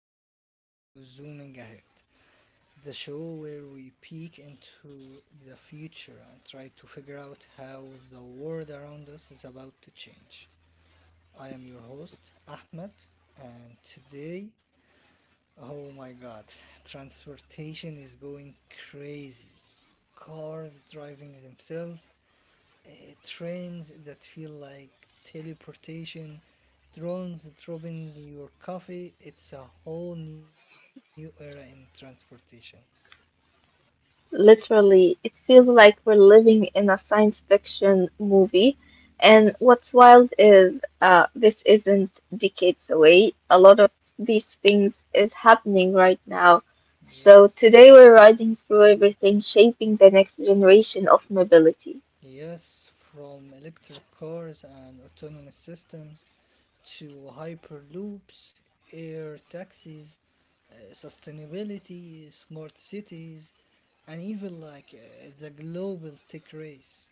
welcome to Zooming Ahead, the show where we peek into the future and try to figure out how the world around us is about to change. I am your host, Ahmed, and today, oh my god, transportation is going crazy. Cars driving themselves, uh, trains that feel like teleportation, drones dropping your coffee. It's a whole new era in transportations. Literally, it feels like we're living in a science fiction movie. And Yes, what's wild is this isn't decades away. A lot of these things is happening right now. So yes. today we're riding through everything shaping the next generation of mobility. Yes, from electric cars and autonomous systems to hyperloops, air taxis, sustainability, smart cities, and even like the global tech race.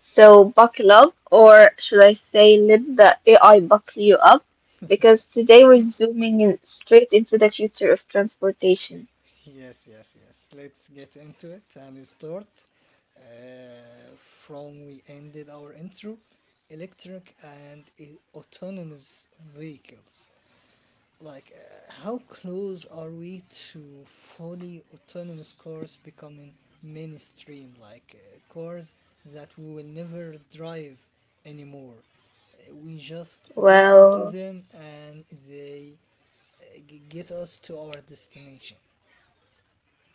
So buckle up, or should I say, let the AI buckle you up, because Yes. today we're zooming in straight into the future of transportation. Yes, yes, yes. Let's get into it and start. Uh, from we ended our intro, electric and autonomous vehicles. Like, how close are we to fully autonomous cars becoming mainstream? Like, cars that we will never drive anymore. We just get into Well, them and they get us to our destination.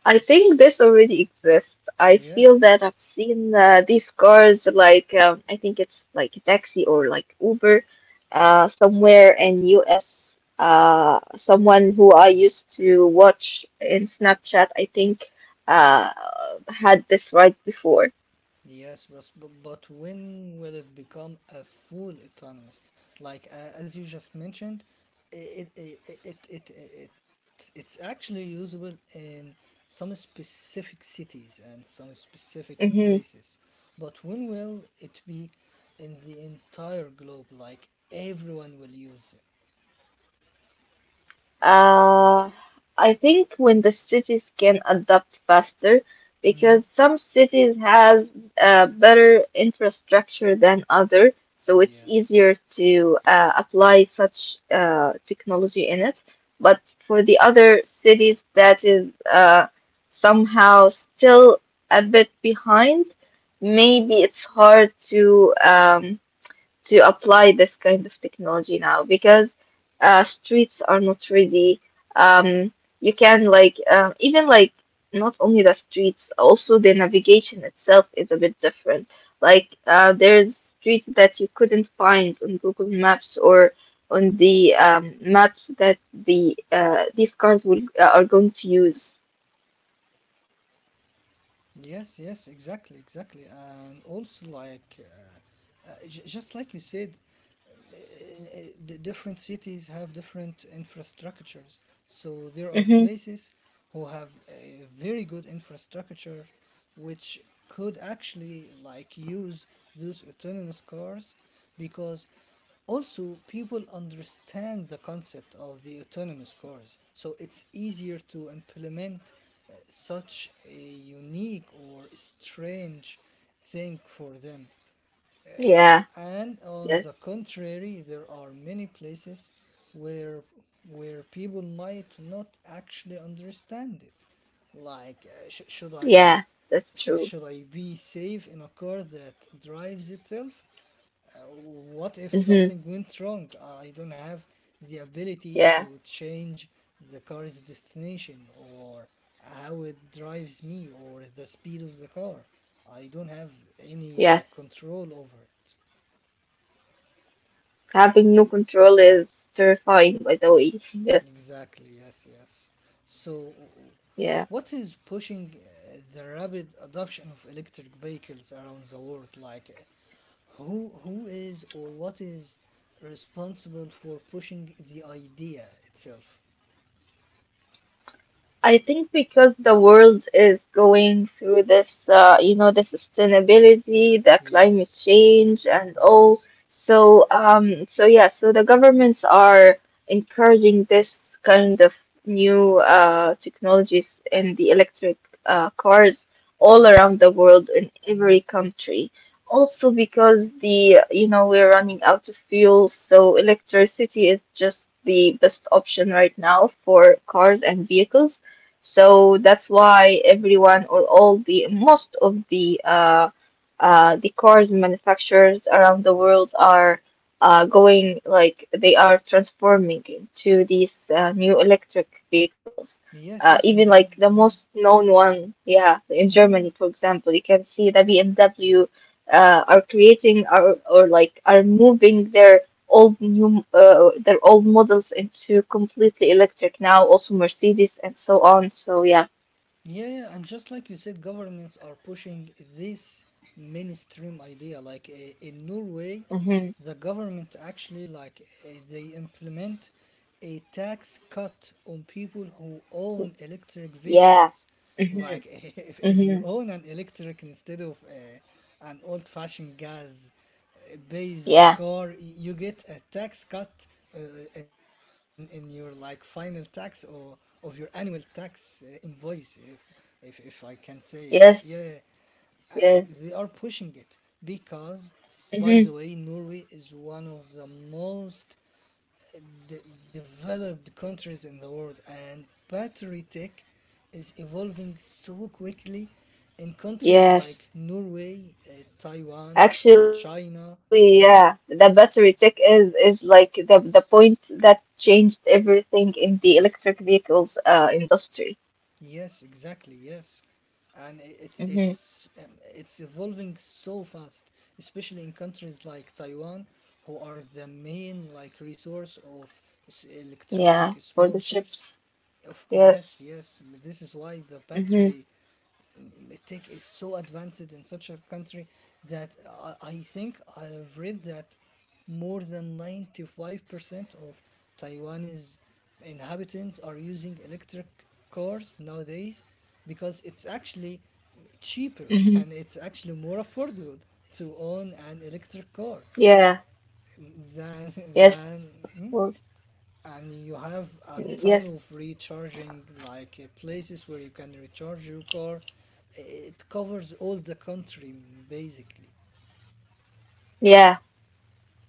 I think this already exists. I feel Yes. that I've seen these cars like I think it's like a taxi or like Uber somewhere in US. Someone who I used to watch in Snapchat, I think, uh, had this ride before. Yes, but when will it become a full autonomous? Like as you just mentioned, it's actually usable in some specific cities and some specific Mm-hmm. places. But when will it be in the entire globe? Like everyone will use it. Uh, I think when the cities can adapt faster, Hmm? because some cities has better infrastructure than other, so it's easier Yes. to apply such technology in it. But for the other cities that is somehow still a bit behind, maybe it's hard to apply this kind of technology now because streets are not ready. Um, you can like even like not only the streets, also the navigation itself is a bit different. Like there's streets that you couldn't find on Google Maps or on the maps that these cars will are going to use. Yes, yes, exactly, exactly. And also, like, j just like you said, um, uh, uh, the different cities have different infrastructures. So there are Mm-hmm. places who have a very good infrastructure which could actually like use those autonomous cars because also people understand the concept of the autonomous cars so it's easier to implement such a unique or strange thing for them Yeah. and on Yes. the contrary, there are many places where people might not actually understand it. Like, should Yeah. I That's true. should I be safe in a car that drives itself? What if Mm-hmm. something went wrong? I don't have the Yeah. ability to change the car's destination or how it drives me or the speed of the car. I don't have any Yes. like control over it. Having no control is terrifying, by the way. Yes. Exactly, yes, yes. So, Yeah. what is pushing the rapid adoption of electric vehicles around the world? Like, uh, who is or what is responsible for pushing the idea itself? I think because the world is going through this, you know, the sustainability, the climate Yes, change, and all. yes, So, so yeah, so the governments are encouraging this kind of new technologies in the electric cars all yes. around the world in Mm. every country. Also because the, you know, we're running out of fuel, so electricity is just the best option right now for cars and vehicles. So that's why everyone or all the most of the cars manufacturers around the world are going like they are transforming into these new electric vehicles. Yes, yes, Even Anja. like the most known one, yeah, in Mm. Germany, for example, you can see the BMW are creating or, like are moving their old new their old models into completely electric now, also Mercedes and so on. So yeah. Yeah, yeah, and just like you said, governments are pushing this mainstream idea. Like in Norway, Hmm. the government actually like they implement a tax cut on people who own electric Yeah. vehicles. Hmm. Like if you Hmm. own an electric instead of an old-fashioned gas based Yeah. car, you get a tax cut uh, in in your like final tax or of your annual tax invoice. If I can say, yeah, Yes. uh, Yeah. they are pushing it because, by the Hmm. way, Norway is one of the most de- developed countries in the world, and battery tech is evolving so quickly in countries Yes. like Norway, Taiwan, Actually, yeah, China. the Yeah, battery tech is like the point that changed everything in the electric vehicles industry. yes, exactly. Yes, and Hmm. It's evolving so fast, especially in countries like Taiwan, who are the main like resource of Yeah, electronic for the small chips. chips. Yes. Yes, yes. This is why the Hmm. battery tech is so advanced in such a country that I think I have read that more than 95% of Taiwanese inhabitants are using electric cars nowadays because it's actually Hmm. cheaper and it's actually more affordable to own an electric car Yeah. than Yes. Of than hmm? course. And you have a Yes. ton of recharging like places where you can recharge your car. It covers all the country basically. Yeah.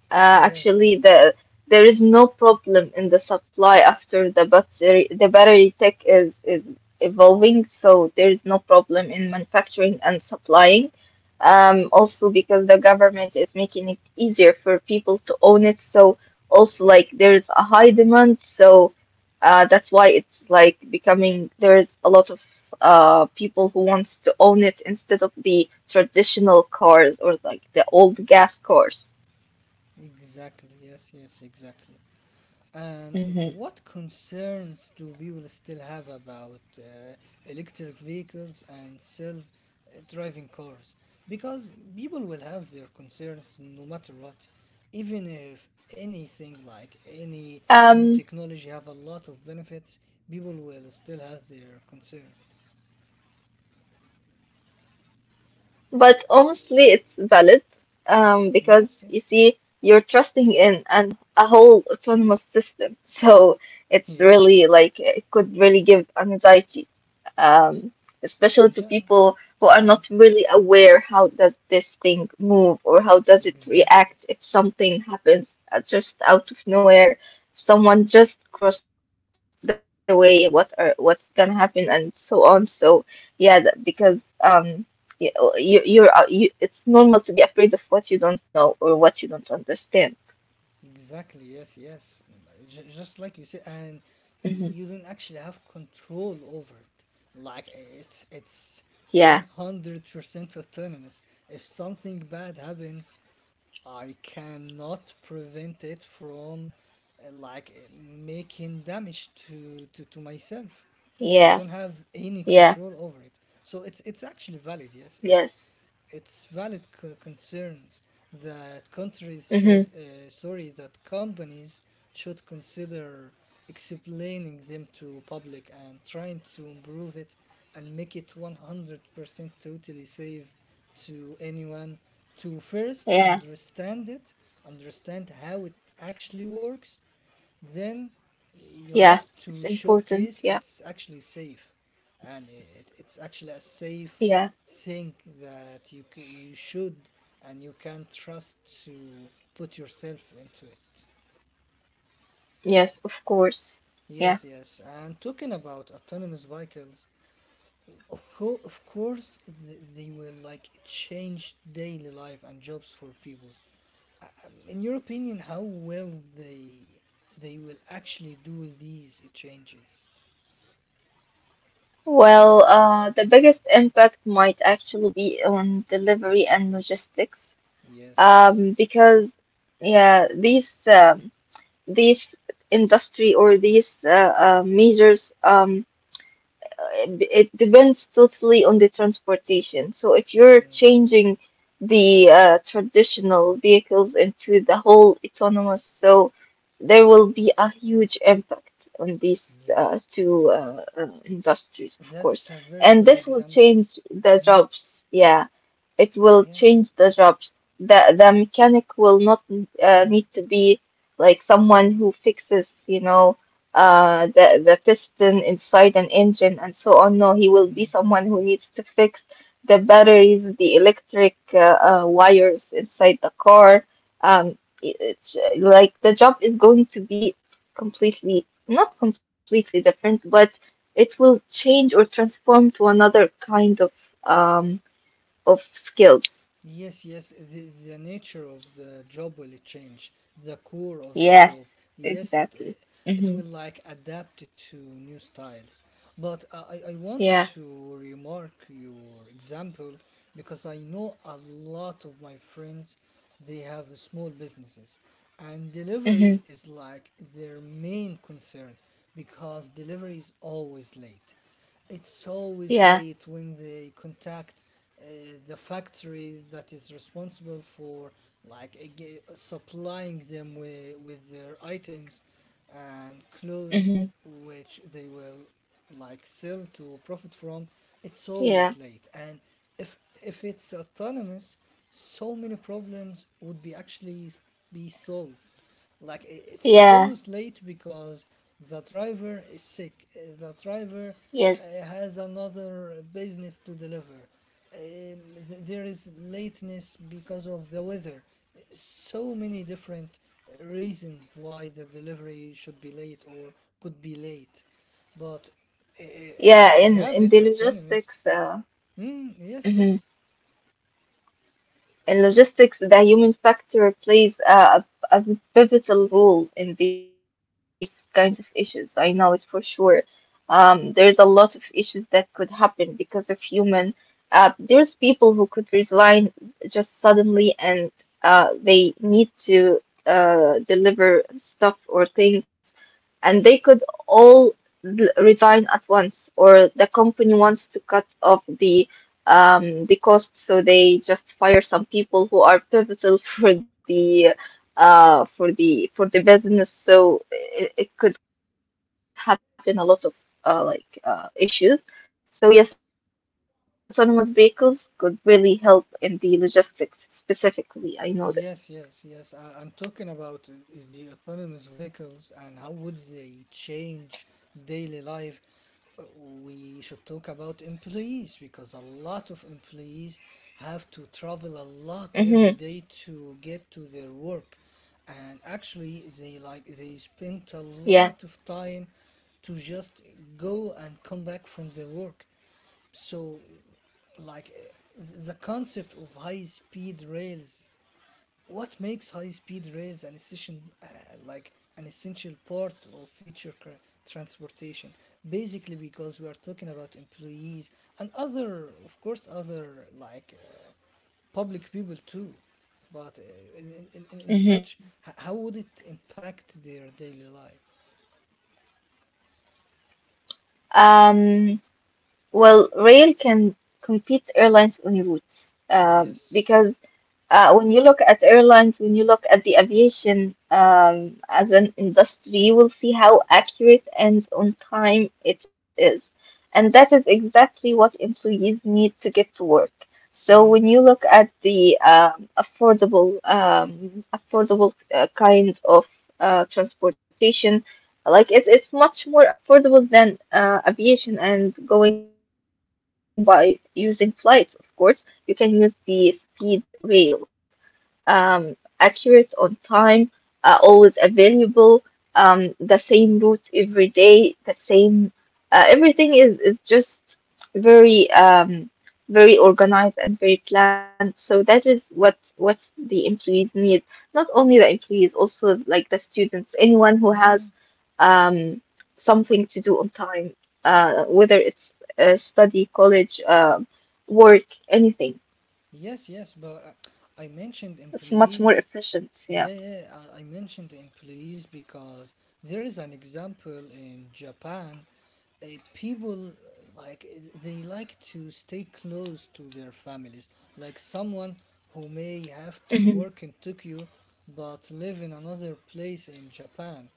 Yes, Actually, yeah, there is no problem in the supply after the battery tech is evolving, so there is no problem in manufacturing and supplying. Also because the government is making it easier for people to own it, so also like there is a high demand, so that's why it's like becoming there is a lot of people who wants to own it instead of the traditional cars or like the old gas cars. exactly, yes, yes, exactly. And what concerns do people still have about electric vehicles and self driving cars? Because people will have their concerns no matter what, even if anything like any new Um, technology have a lot of benefits, people will still have their concerns. but honestly, it's valid Yes, because you yes, see, you're trusting in an a whole autonomous system. So it's yes. really like it could really give anxiety. um, Anja, especially to people mm, who are not really aware how does this thing move or how exactly. does it react if something happens just out of nowhere, someone just crossed the way, what's gonna happen and so on. So yeah, that, because you you're it's normal to be afraid of what you don't know or what you don't understand. Exactly, yes, yes. Just like you said, and Hmm. You don't actually have control over it. It's Yeah, 100% autonomous. If something bad happens, I cannot prevent it from making damage to, to myself. I yeah, don't have any yeah, control over it. So it's actually valid. Yes, it's yes. Valid concerns that countries Hmm. should sorry, that companies should consider explaining them to public and trying to improve it and make it 100% totally safe to anyone to Yeah, first understand it, understand how it actually works, then yeah. you It's have to important. Yeah, showcase it's actually safe and it's actually a yeah. safe thing that you, you should and you can trust to put yourself into it. Yes, of course. Yeah. Yes, yes. And talking about autonomous vehicles, of course, they will like change daily life and jobs for people. Um, in your opinion, how will they will actually do these changes? Well, the biggest impact might actually be on delivery and logistics, Yes. Because yeah, these industry or these measures uh, it depends totally on the transportation. So if you're Mm, changing the traditional vehicles into the whole autonomous, so there will be a huge impact on these yes. two industries, of That's course. a very And good this will example. change the Mm, jobs. Yeah, it will yeah. change the jobs. The mechanic will not need to be like someone who fixes, you know the piston inside an engine and so on. No, he will be Mm. someone who needs to fix the batteries, the electric wires inside the car. Um, it, it's, like the job is going to be completely, not completely different, but it will change or transform to another kind um of skills. Yes, yes, the nature of the job will change, the core of the Yes, job. Yes, exactly. Mm-hmm. it will like adapt it to new styles. But I want Yeah. to remark your example because I know a lot of my friends they have small businesses and Mm-hmm. delivery is like their main concern because delivery is always late. It's always Yeah. late when they contact uh, the factory that is responsible for like supplying them with their items and clothes Mm-hmm. which they will like sell to profit from. It's always Yeah. late and if it's autonomous so many problems would be actually be solved. Like it's Yeah. always late because the driver is sick. The driver Yes. has another business to deliver. Um, there is lateness because of the weather. So many different reasons why the delivery should be late or could be late. But if Yeah, we have in it the autonomous, logistics, mm, yes, hmm yes. in logistics, the human factor plays a pivotal role in these kinds of issues. I know it for sure. There's a lot of issues that could happen because of human. There's people who could resign just suddenly, and they need to deliver stuff or things, and they could all resign at once, or the company wants to cut off the cost. So they just fire some people who are pivotal for the for the business. So it could happen a lot of issues. So yes, autonomous vehicles could really help in the logistics specifically. I know this. Yes, yes, yes. I'm talking about the autonomous vehicles and how would they change daily life. We should talk about employees because a lot of employees have to Mm-hmm. travel a lot every day to get to their work, and actually they like they Yeah. spend a lot of time to just go and come back from their work. So, like eh, the concept of high speed rails, what makes high-speed rails an essential, uh, like an essential part of future transportation? Basically, because we are talking about employees and other, of course, other like public people too. But in such, Mm-hmm. How would it impact their daily life? Um, well, rail can compete airlines on routes Yes. because when you look at airlines, when you look at the aviation as an industry, you will see how accurate and on time it is. And that is exactly what employees need to get to work. So Mm. when you look at the affordable kind of transportation, like it, it's much more affordable than aviation and going by using flights, of course. You can use the speed rail accurate on time, always available, the same route every day, the same, everything is just very, very organized and very planned. So that is what the employees need. Not only the employees, also like the students, anyone who has, Mm. um, something to do on time, whether it's study, college, work, anything. Yes, yes, but I mentioned It's much more employees. efficient. Yeah. Yeah, yeah, I mentioned employees because there is an example in Japan. Uh, people like they like to stay close to their families. Like someone who may have to Mhm. work in Tokyo but live in another place in Japan.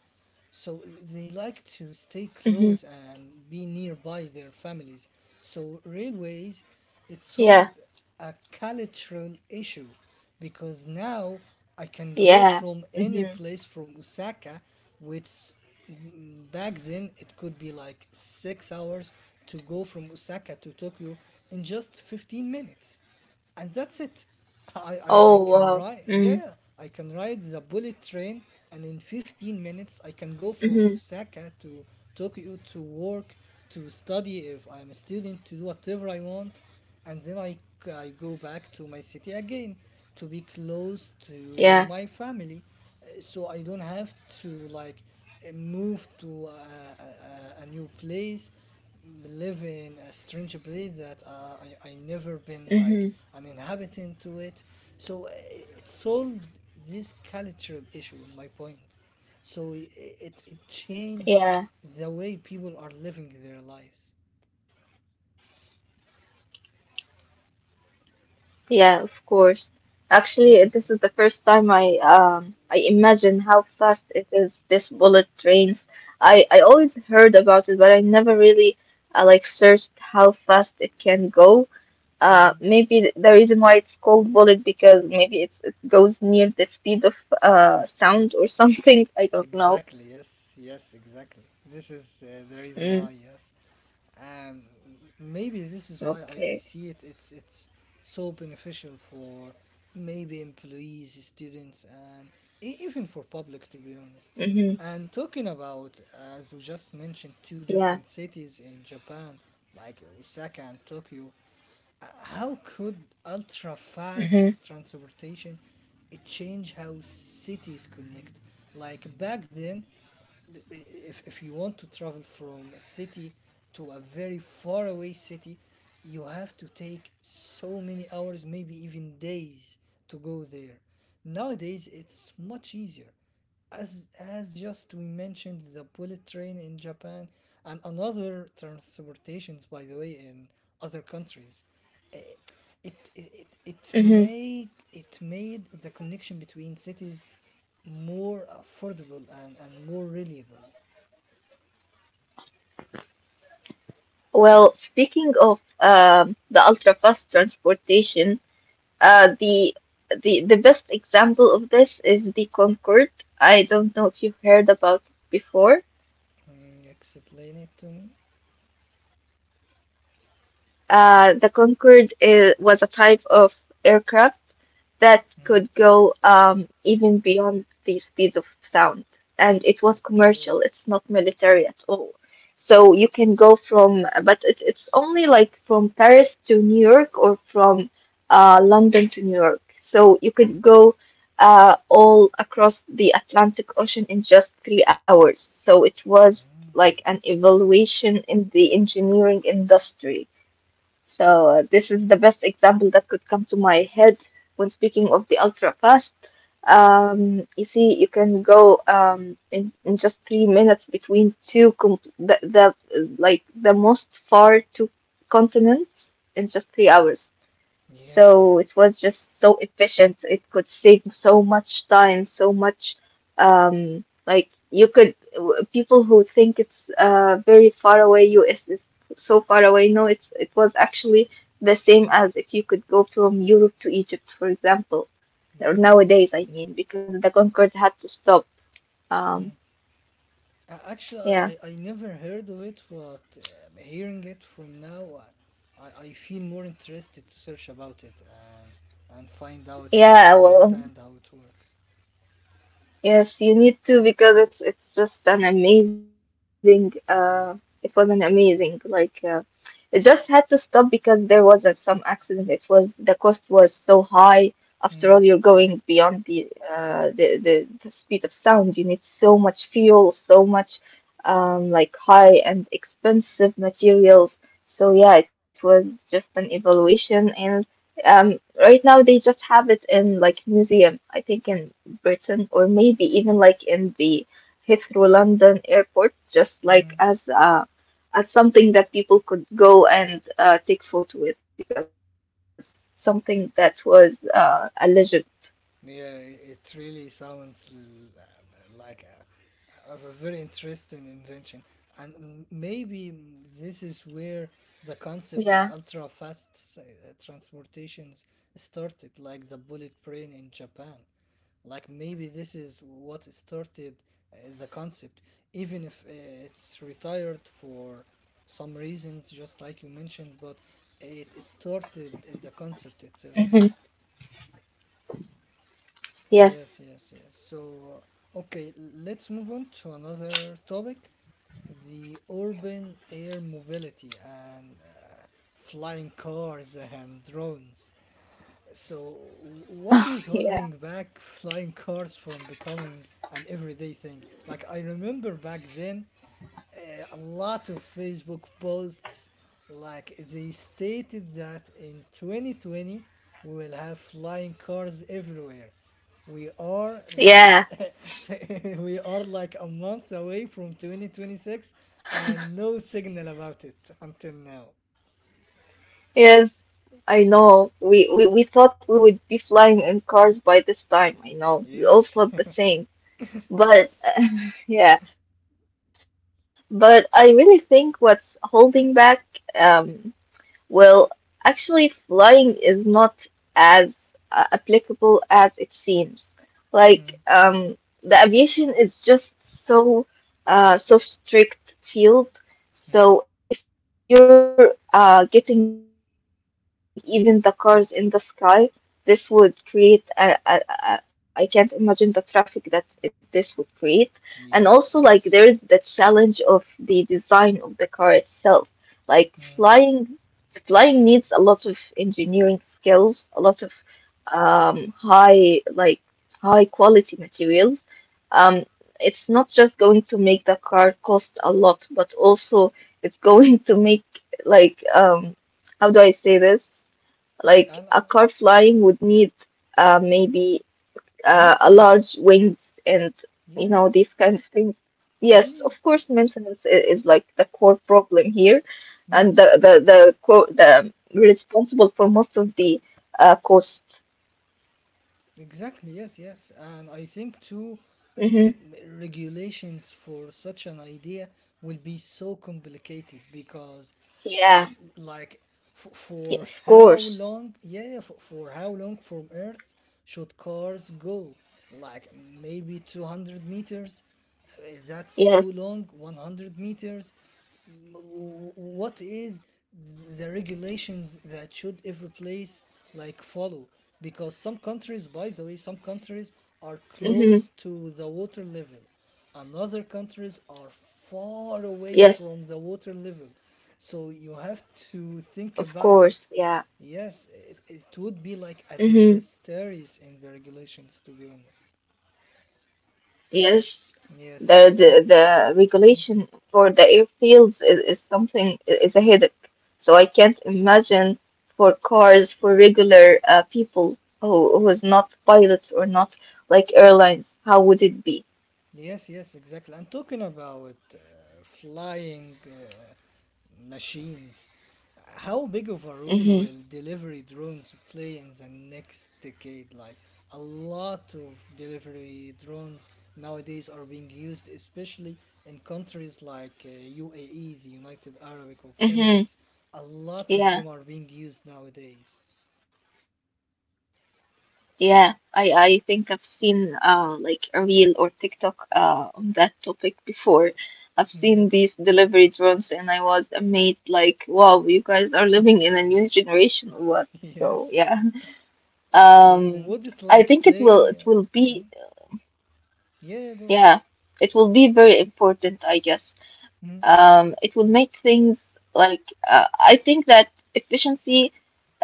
So they like to stay close Mhm. and be nearby their families. So railways, it Yeah. solved a cultural issue because now I can go Yeah. from any Mhm. place from Osaka, which mm, back then it could be like 6 hours to go from Osaka to Tokyo in just 15 minutes and that's it. I Oh can wow. ride, Mm. yeah, I can ride the bullet train, and in 15 minutes, I can go from Mhm. Osaka to Tokyo to work, to study if I'm a student, to do whatever I want, and then I go back to my city again to be close to Yeah. my family. So I don't have to like move to a new place, live in a strange place that I never been like Mhm. an inhabitant to it, so it solved this cultural issue in my point, so it changed Yeah. the way people are living their lives. Yeah. Of course. Actually, this is the first time Yes, I imagine how fast it is. This bullet trains. I always heard about it, but I never really like searched how fast it can go. Maybe the mm, reason why it's called bullet because it goes near the speed of sound or something. I don't know. exactly, yes, yes, exactly, this is the Mm, reason why. Yes, and maybe this is why okay. I see it's so beneficial for maybe employees, students, and even for public Mm-hmm. to be honest. And talking about, as we just Yeah. mentioned two different cities in Japan like Osaka and Tokyo, how could ultra Mm-hmm. fast transportation change how cities connect? Like back then, if you want to travel from a city to a very far away city, you have to take so many hours, maybe even days to go there. Yeah. Nowadays, it's much easier as just we mentioned the bullet train in Japan and another transportations by the way in other countries. Eh, it it Mm-hmm. it make it made the connection between cities more affordable and more reliable. Well, speaking of the ultra fast transportation, uh, the the best example of this is the Concorde. I don't know if you've heard about it before. Mm, explain it to me. The Concorde was a type of aircraft that Mm, could go even beyond the speed of sound. And it was okay. commercial, it's not military at all. So you can go from, but it's only like from Paris to New York or from London to New York. So you could go all across the Atlantic Ocean in just 3 hours. So it was Mm, like an evaluation in the engineering industry. So this is the best example that could come to my head when speaking of the ultra fast. You see, you can go in just 3 minutes between two com the like the most far two continents in just 3 hours. yes, So it yes, was just so efficient. It could save so much time, so much like you could people who think it's very far away, US is so far away. No, it's it was actually the same as if you could go from Europe to Egypt, for example. Or yes, nowadays, yes. I mean, because the Concorde had to stop. Um, Mm. Actually, yeah. I never heard of it, but hearing it from now, I feel more interested to search about it and find out and Yeah, well, understand how it works. yes, you need to because it's just an amazing it was an amazing like it just had to stop because there was some accident. It was the cost was so high. After all, Mm, you're going beyond the the speed of sound. You need so much fuel, so much like high and expensive materials. So yeah, it was just an evaluation, and right now they just have it in like museum. I think in Britain or maybe even like in the Heathrow London airport, just like mm. as a as something that people could go and take photo with because something that was a legend. Yeah, it really sounds like a very interesting invention, and maybe this Yeah. is where the concept of ultra fast transportations started, like the bullet train in Japan. Like maybe this is what started the concept, even if it's retired for some reasons, just like you mentioned, but it started Hmm. the concept itself. Yes. Yes, yes, yes. So, okay, let's move on to another topic, the urban air mobility and flying cars and drones. So, what is Yeah, holding back flying cars from becoming an everyday thing? Like, I remember back then, a lot of Facebook posts, like, they stated that in 2020, we will have flying cars everywhere. We are like yeah, we are like a month away from 2026, and no signal about it until now. yes, I know. We we thought we would be flying in cars by this time. I know we all Yes. thought the same, but yeah, but I really think what's holding back. um Well, actually, flying is not as applicable as it seems. Mm, Like, um, the aviation is just so so strict mm. field. So if you're getting even the cars in the sky, this would create I can't imagine the traffic that this would create. And also, like, there is the challenge Yes, of the yes. design of the car itself. Like flying Flying needs a lot of engineering skills, a lot of high high quality materials. Um, it's not just going to make the car cost a lot, but also it's going to make like um, how do I say this? Like a car And flying would need maybe a large maintenance, wings and yeah, these kind of things. Yes, of yeah, course, maintenance is like the core problem here, mm, and the responsible for most of the cost. exactly, yes, yes. And I think too, Hmm. regulations for such an idea will be so complicated, because Yeah, like for yeah, of how course. long, yeah, for, how long from earth should cars go, like maybe 200 meters. That's Yes. too long, 100 meters. What is the regulations that should every place like follow, because some countries, by the way, some countries are Hmm. close to the water level and other countries are far away Yes, from the water level, so you have to think of about it. course. Yeah. Yes, it would be like a Mm-hmm. disastrous in the regulations, to be honest. Yes, Yes, yes, and the regulation for the airfields is something is a headache. So I can't imagine for cars for regular people who is not pilots or not like airlines, how would it be? yes, yes, exactly. And talking about flying machines, how big of a role will Mm-hmm. delivery drones play in the next decade? Like, a lot of delivery drones nowadays are being used, especially in countries like UAE, the United Arab of Emirates. Mm-hmm. A lot of them are being used nowadays. Yeah, I think I've seen like a reel or TikTok on that topic before. I've seen these Yes, delivery drones and I was amazed like wow, you guys are living in a new generation or what? So yes. yeah. Um, Would it I like think play? It will be Mm? Yeah, yeah, go. yeah, it will be very important, I guess. Mm-hmm. It will make things like I think that efficiency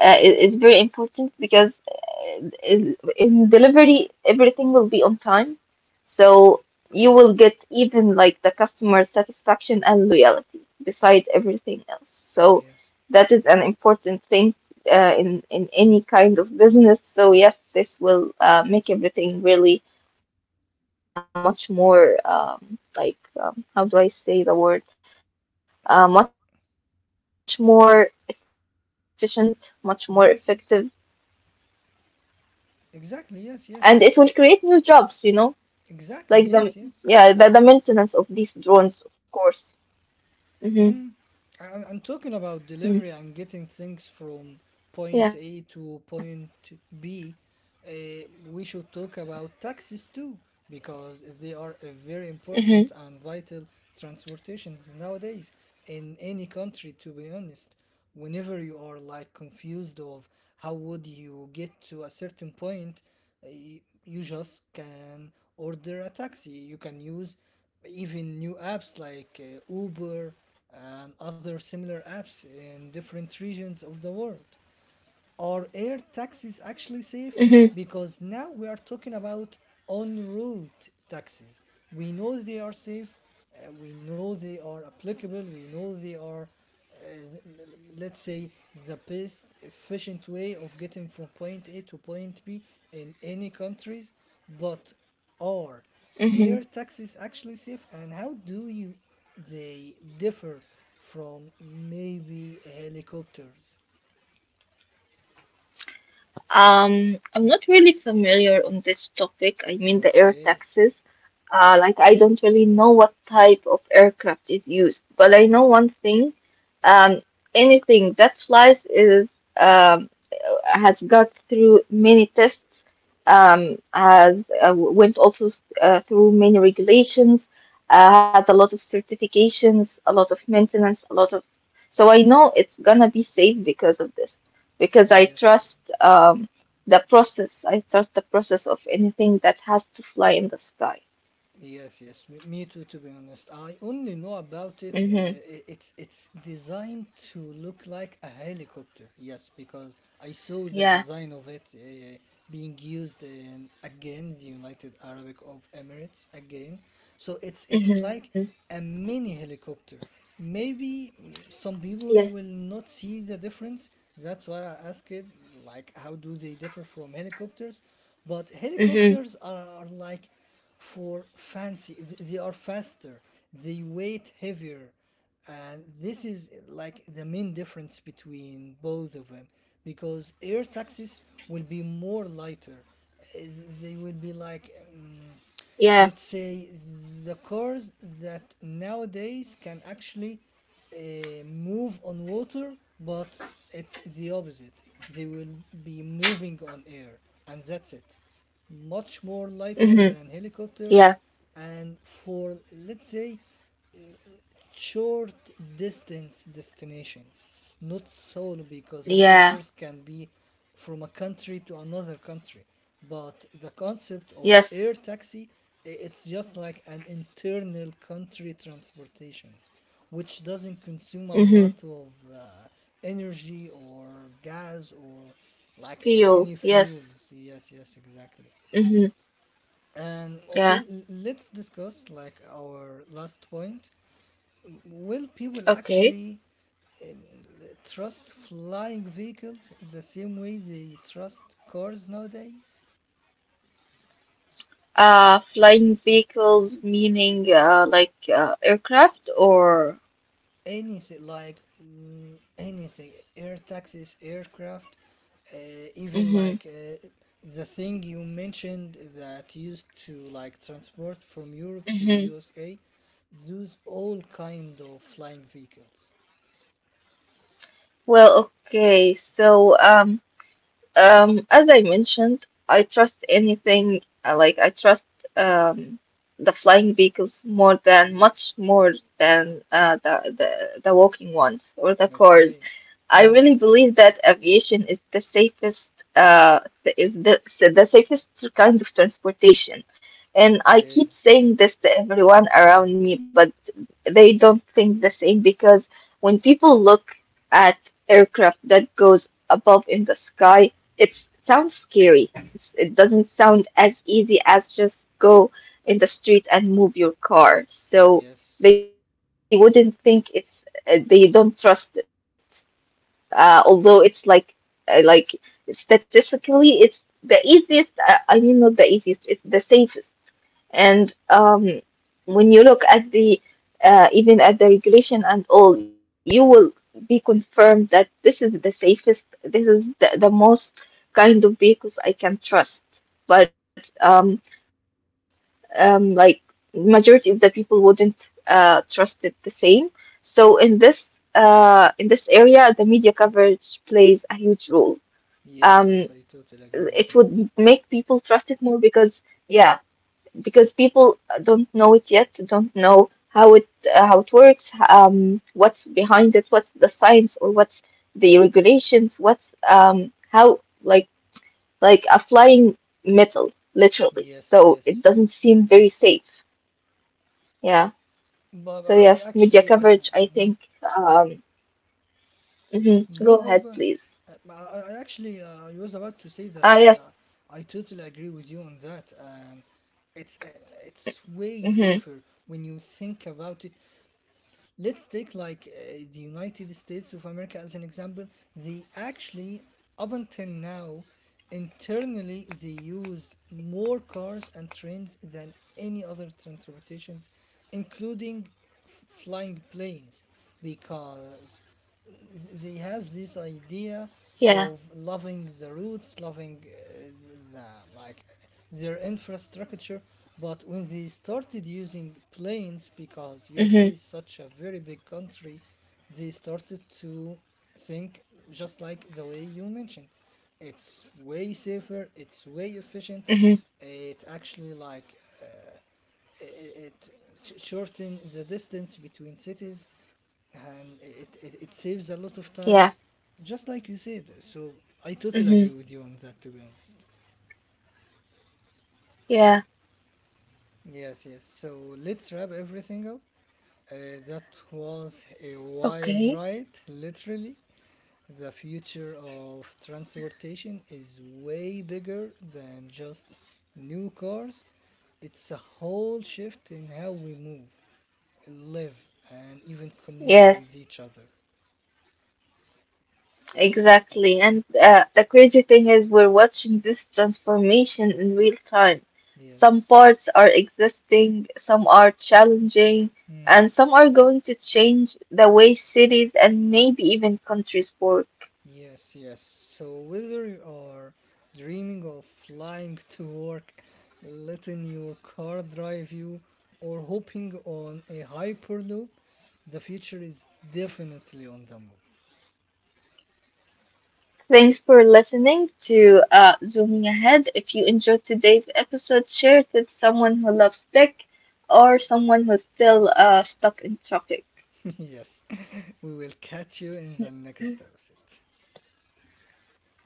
is very important because in delivery everything will be on time, so you will get even like the customer satisfaction and loyalty beside everything else. So Yes. that is an important thing in any kind of business. So yes, this will make everything really much more how do I say the word? Much more efficient, much more effective, Yes, yes. and it will create new jobs. You know, Exactly. Yes, like yes, the yes. yeah the maintenance of these Exactly. drones, of Yes, yes. course. Mm-hmm. Mm-hmm. Mm. I'm talking about Yeah. delivery and getting things from point A to point B. uh, we should talk about taxis Mm-hmm. too, because they are a very important and vital Yes. transportations nowadays in any country, to be honest. Whenever you are like confused of how would you get to a certain point, you just can order a taxi. You can use even new apps like Uber and other similar apps in different regions of the world. Are air taxis Mm-hmm. actually safe? Because now we are talking about en route taxis. We know they are safe, we know they are applicable, we know they are, uh, let's say, the best efficient way of getting from point A to point B in any countries. But are Mm-hmm. air taxis actually safe, and how do you they differ from maybe helicopters? I'm not really familiar on this topic. I mean the air Okay. taxis. Like I don't really know what type of aircraft is used, but I know one thing. Um, anything that flies is um, has got through many tests, has went also through many regulations, has a lot of certifications, a lot of maintenance, a lot of. So I know it's gonna be safe because of this, because I Yes. trust. The process. I trust the process of anything that has to fly in the sky. Yes, yes, me too. To be honest, I only know about it. Hmm. It's designed to look like a helicopter. Yes, because I saw the Yeah. design of it being used in, again, the United Arab of Emirates again. So it's like Hmm. a mini helicopter. Maybe some people Yes. will not see the difference. That's why I asked it, like, how do they differ from helicopters? But helicopters Hmm. are like for fancy. They are faster, they weight heavier. And this is like the main difference between both of them, because air taxis will be more lighter. Uh, They will be like, Yeah. let's say, the cars that nowadays can actually move on water, but it's the opposite. They will be moving on air, and that's it. Much more lighter Hmm. than helicopters, Yeah. and for let's say short distance destinations, not solo, because helicopters Yeah. can be from a country to another country. But the concept of air Yes. taxi, it's just like an internal country transportations, which doesn't consume a lot Hmm. of energy or gas or like any Fuel. Yes. fuels. Yes, yes, exactly. Hmm. And okay, Yeah. let's discuss like our last point. Will people Okay. actually trust flying vehicles the same way they trust cars nowadays? Flying vehicles, meaning like aircraft or. Anything like anything, air taxis, aircraft, uh, even Hmm. like the thing you mentioned that used to like transport from Europe to Hmm. USA, those all kind of flying vehicles. Well, okay. So as I mentioned, I trust anything, like I trust um, the flying vehicles more than, much more than the walking ones or the cars. Okay. I Hmm. really believe that aviation is the safest uh, is the, the safest kind of transportation. And I Okay. keep saying this to everyone around me, but they don't think the same because when people look at aircraft that goes above in the sky, it sounds scary. It doesn't sound as easy as just go in the street and move your car. So Yes. they wouldn't think it's they don't trust it although it's like uh, like statistically it's the easiest I mean not the easiest it's the safest and when you look at the even at the regulation and all you will be confirmed that this is the safest this is the most kind of vehicles I can trust but um, like majority of the people wouldn't trust it the same. So in this area, the media coverage plays a huge role. Um, Yes. Yes. I totally it agree with would you. make people trust it more because yeah, because people don't know it yet, don't know how it works, what's behind it, what's the science or what's the regulations, what's how like like a flying metal, literally. Yes, So yes, it doesn't yes. seem very safe. Yeah. But So I yes, media actually, I, coverage, I mm, think. mm. Um, mhm. go, Go go, ahead, go. please. Uh, I, I actually, I was about to say that Ah, I, uh, yes. I totally agree with you on that. It's um, it's way Mm-hmm. safer when you think about it. Let's take like the United States of America as an example. They actually, up until now, internally they use more cars and trains than any other transportations, including flying planes, because they Yeah. have this idea of loving the roots, loving the like their infrastructure. But when they started using Mm-hmm. planes, because USA is such a very big country, they started to think, just like the way you mentioned, it's way safer, it's way Mm-hmm. efficient. It actually, like, it shorten the distance between cities, and it saves a lot of Yeah. time, just like you said. So I totally Mm-hmm. agree with you on that, to be honest. Yeah. Yes, yes. So let's wrap everything up. That was a wild Okay. ride, literally. The future of transportation is way bigger than just new cars. It's a whole shift in how we move, live, and even connect Yes. with each other. Exactly. And the crazy thing is, we're watching this transformation in real time. Some Yes. parts are existing, some are challenging, Hmm. and some are going to change the way cities and maybe even countries work. Yes, yes. So whether you are dreaming of flying to work, letting your car drive you, or hopping on a hyperloop, the future is definitely on the move. Thanks for listening to Zooming Ahead. If you enjoyed today's episode, share it with someone who loves tech or someone who's still stuck in traffic. Yes, we will catch you in the next episode.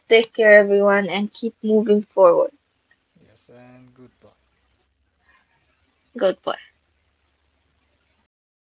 Take care, everyone, and keep moving forward. Yes, and goodbye. Goodbye.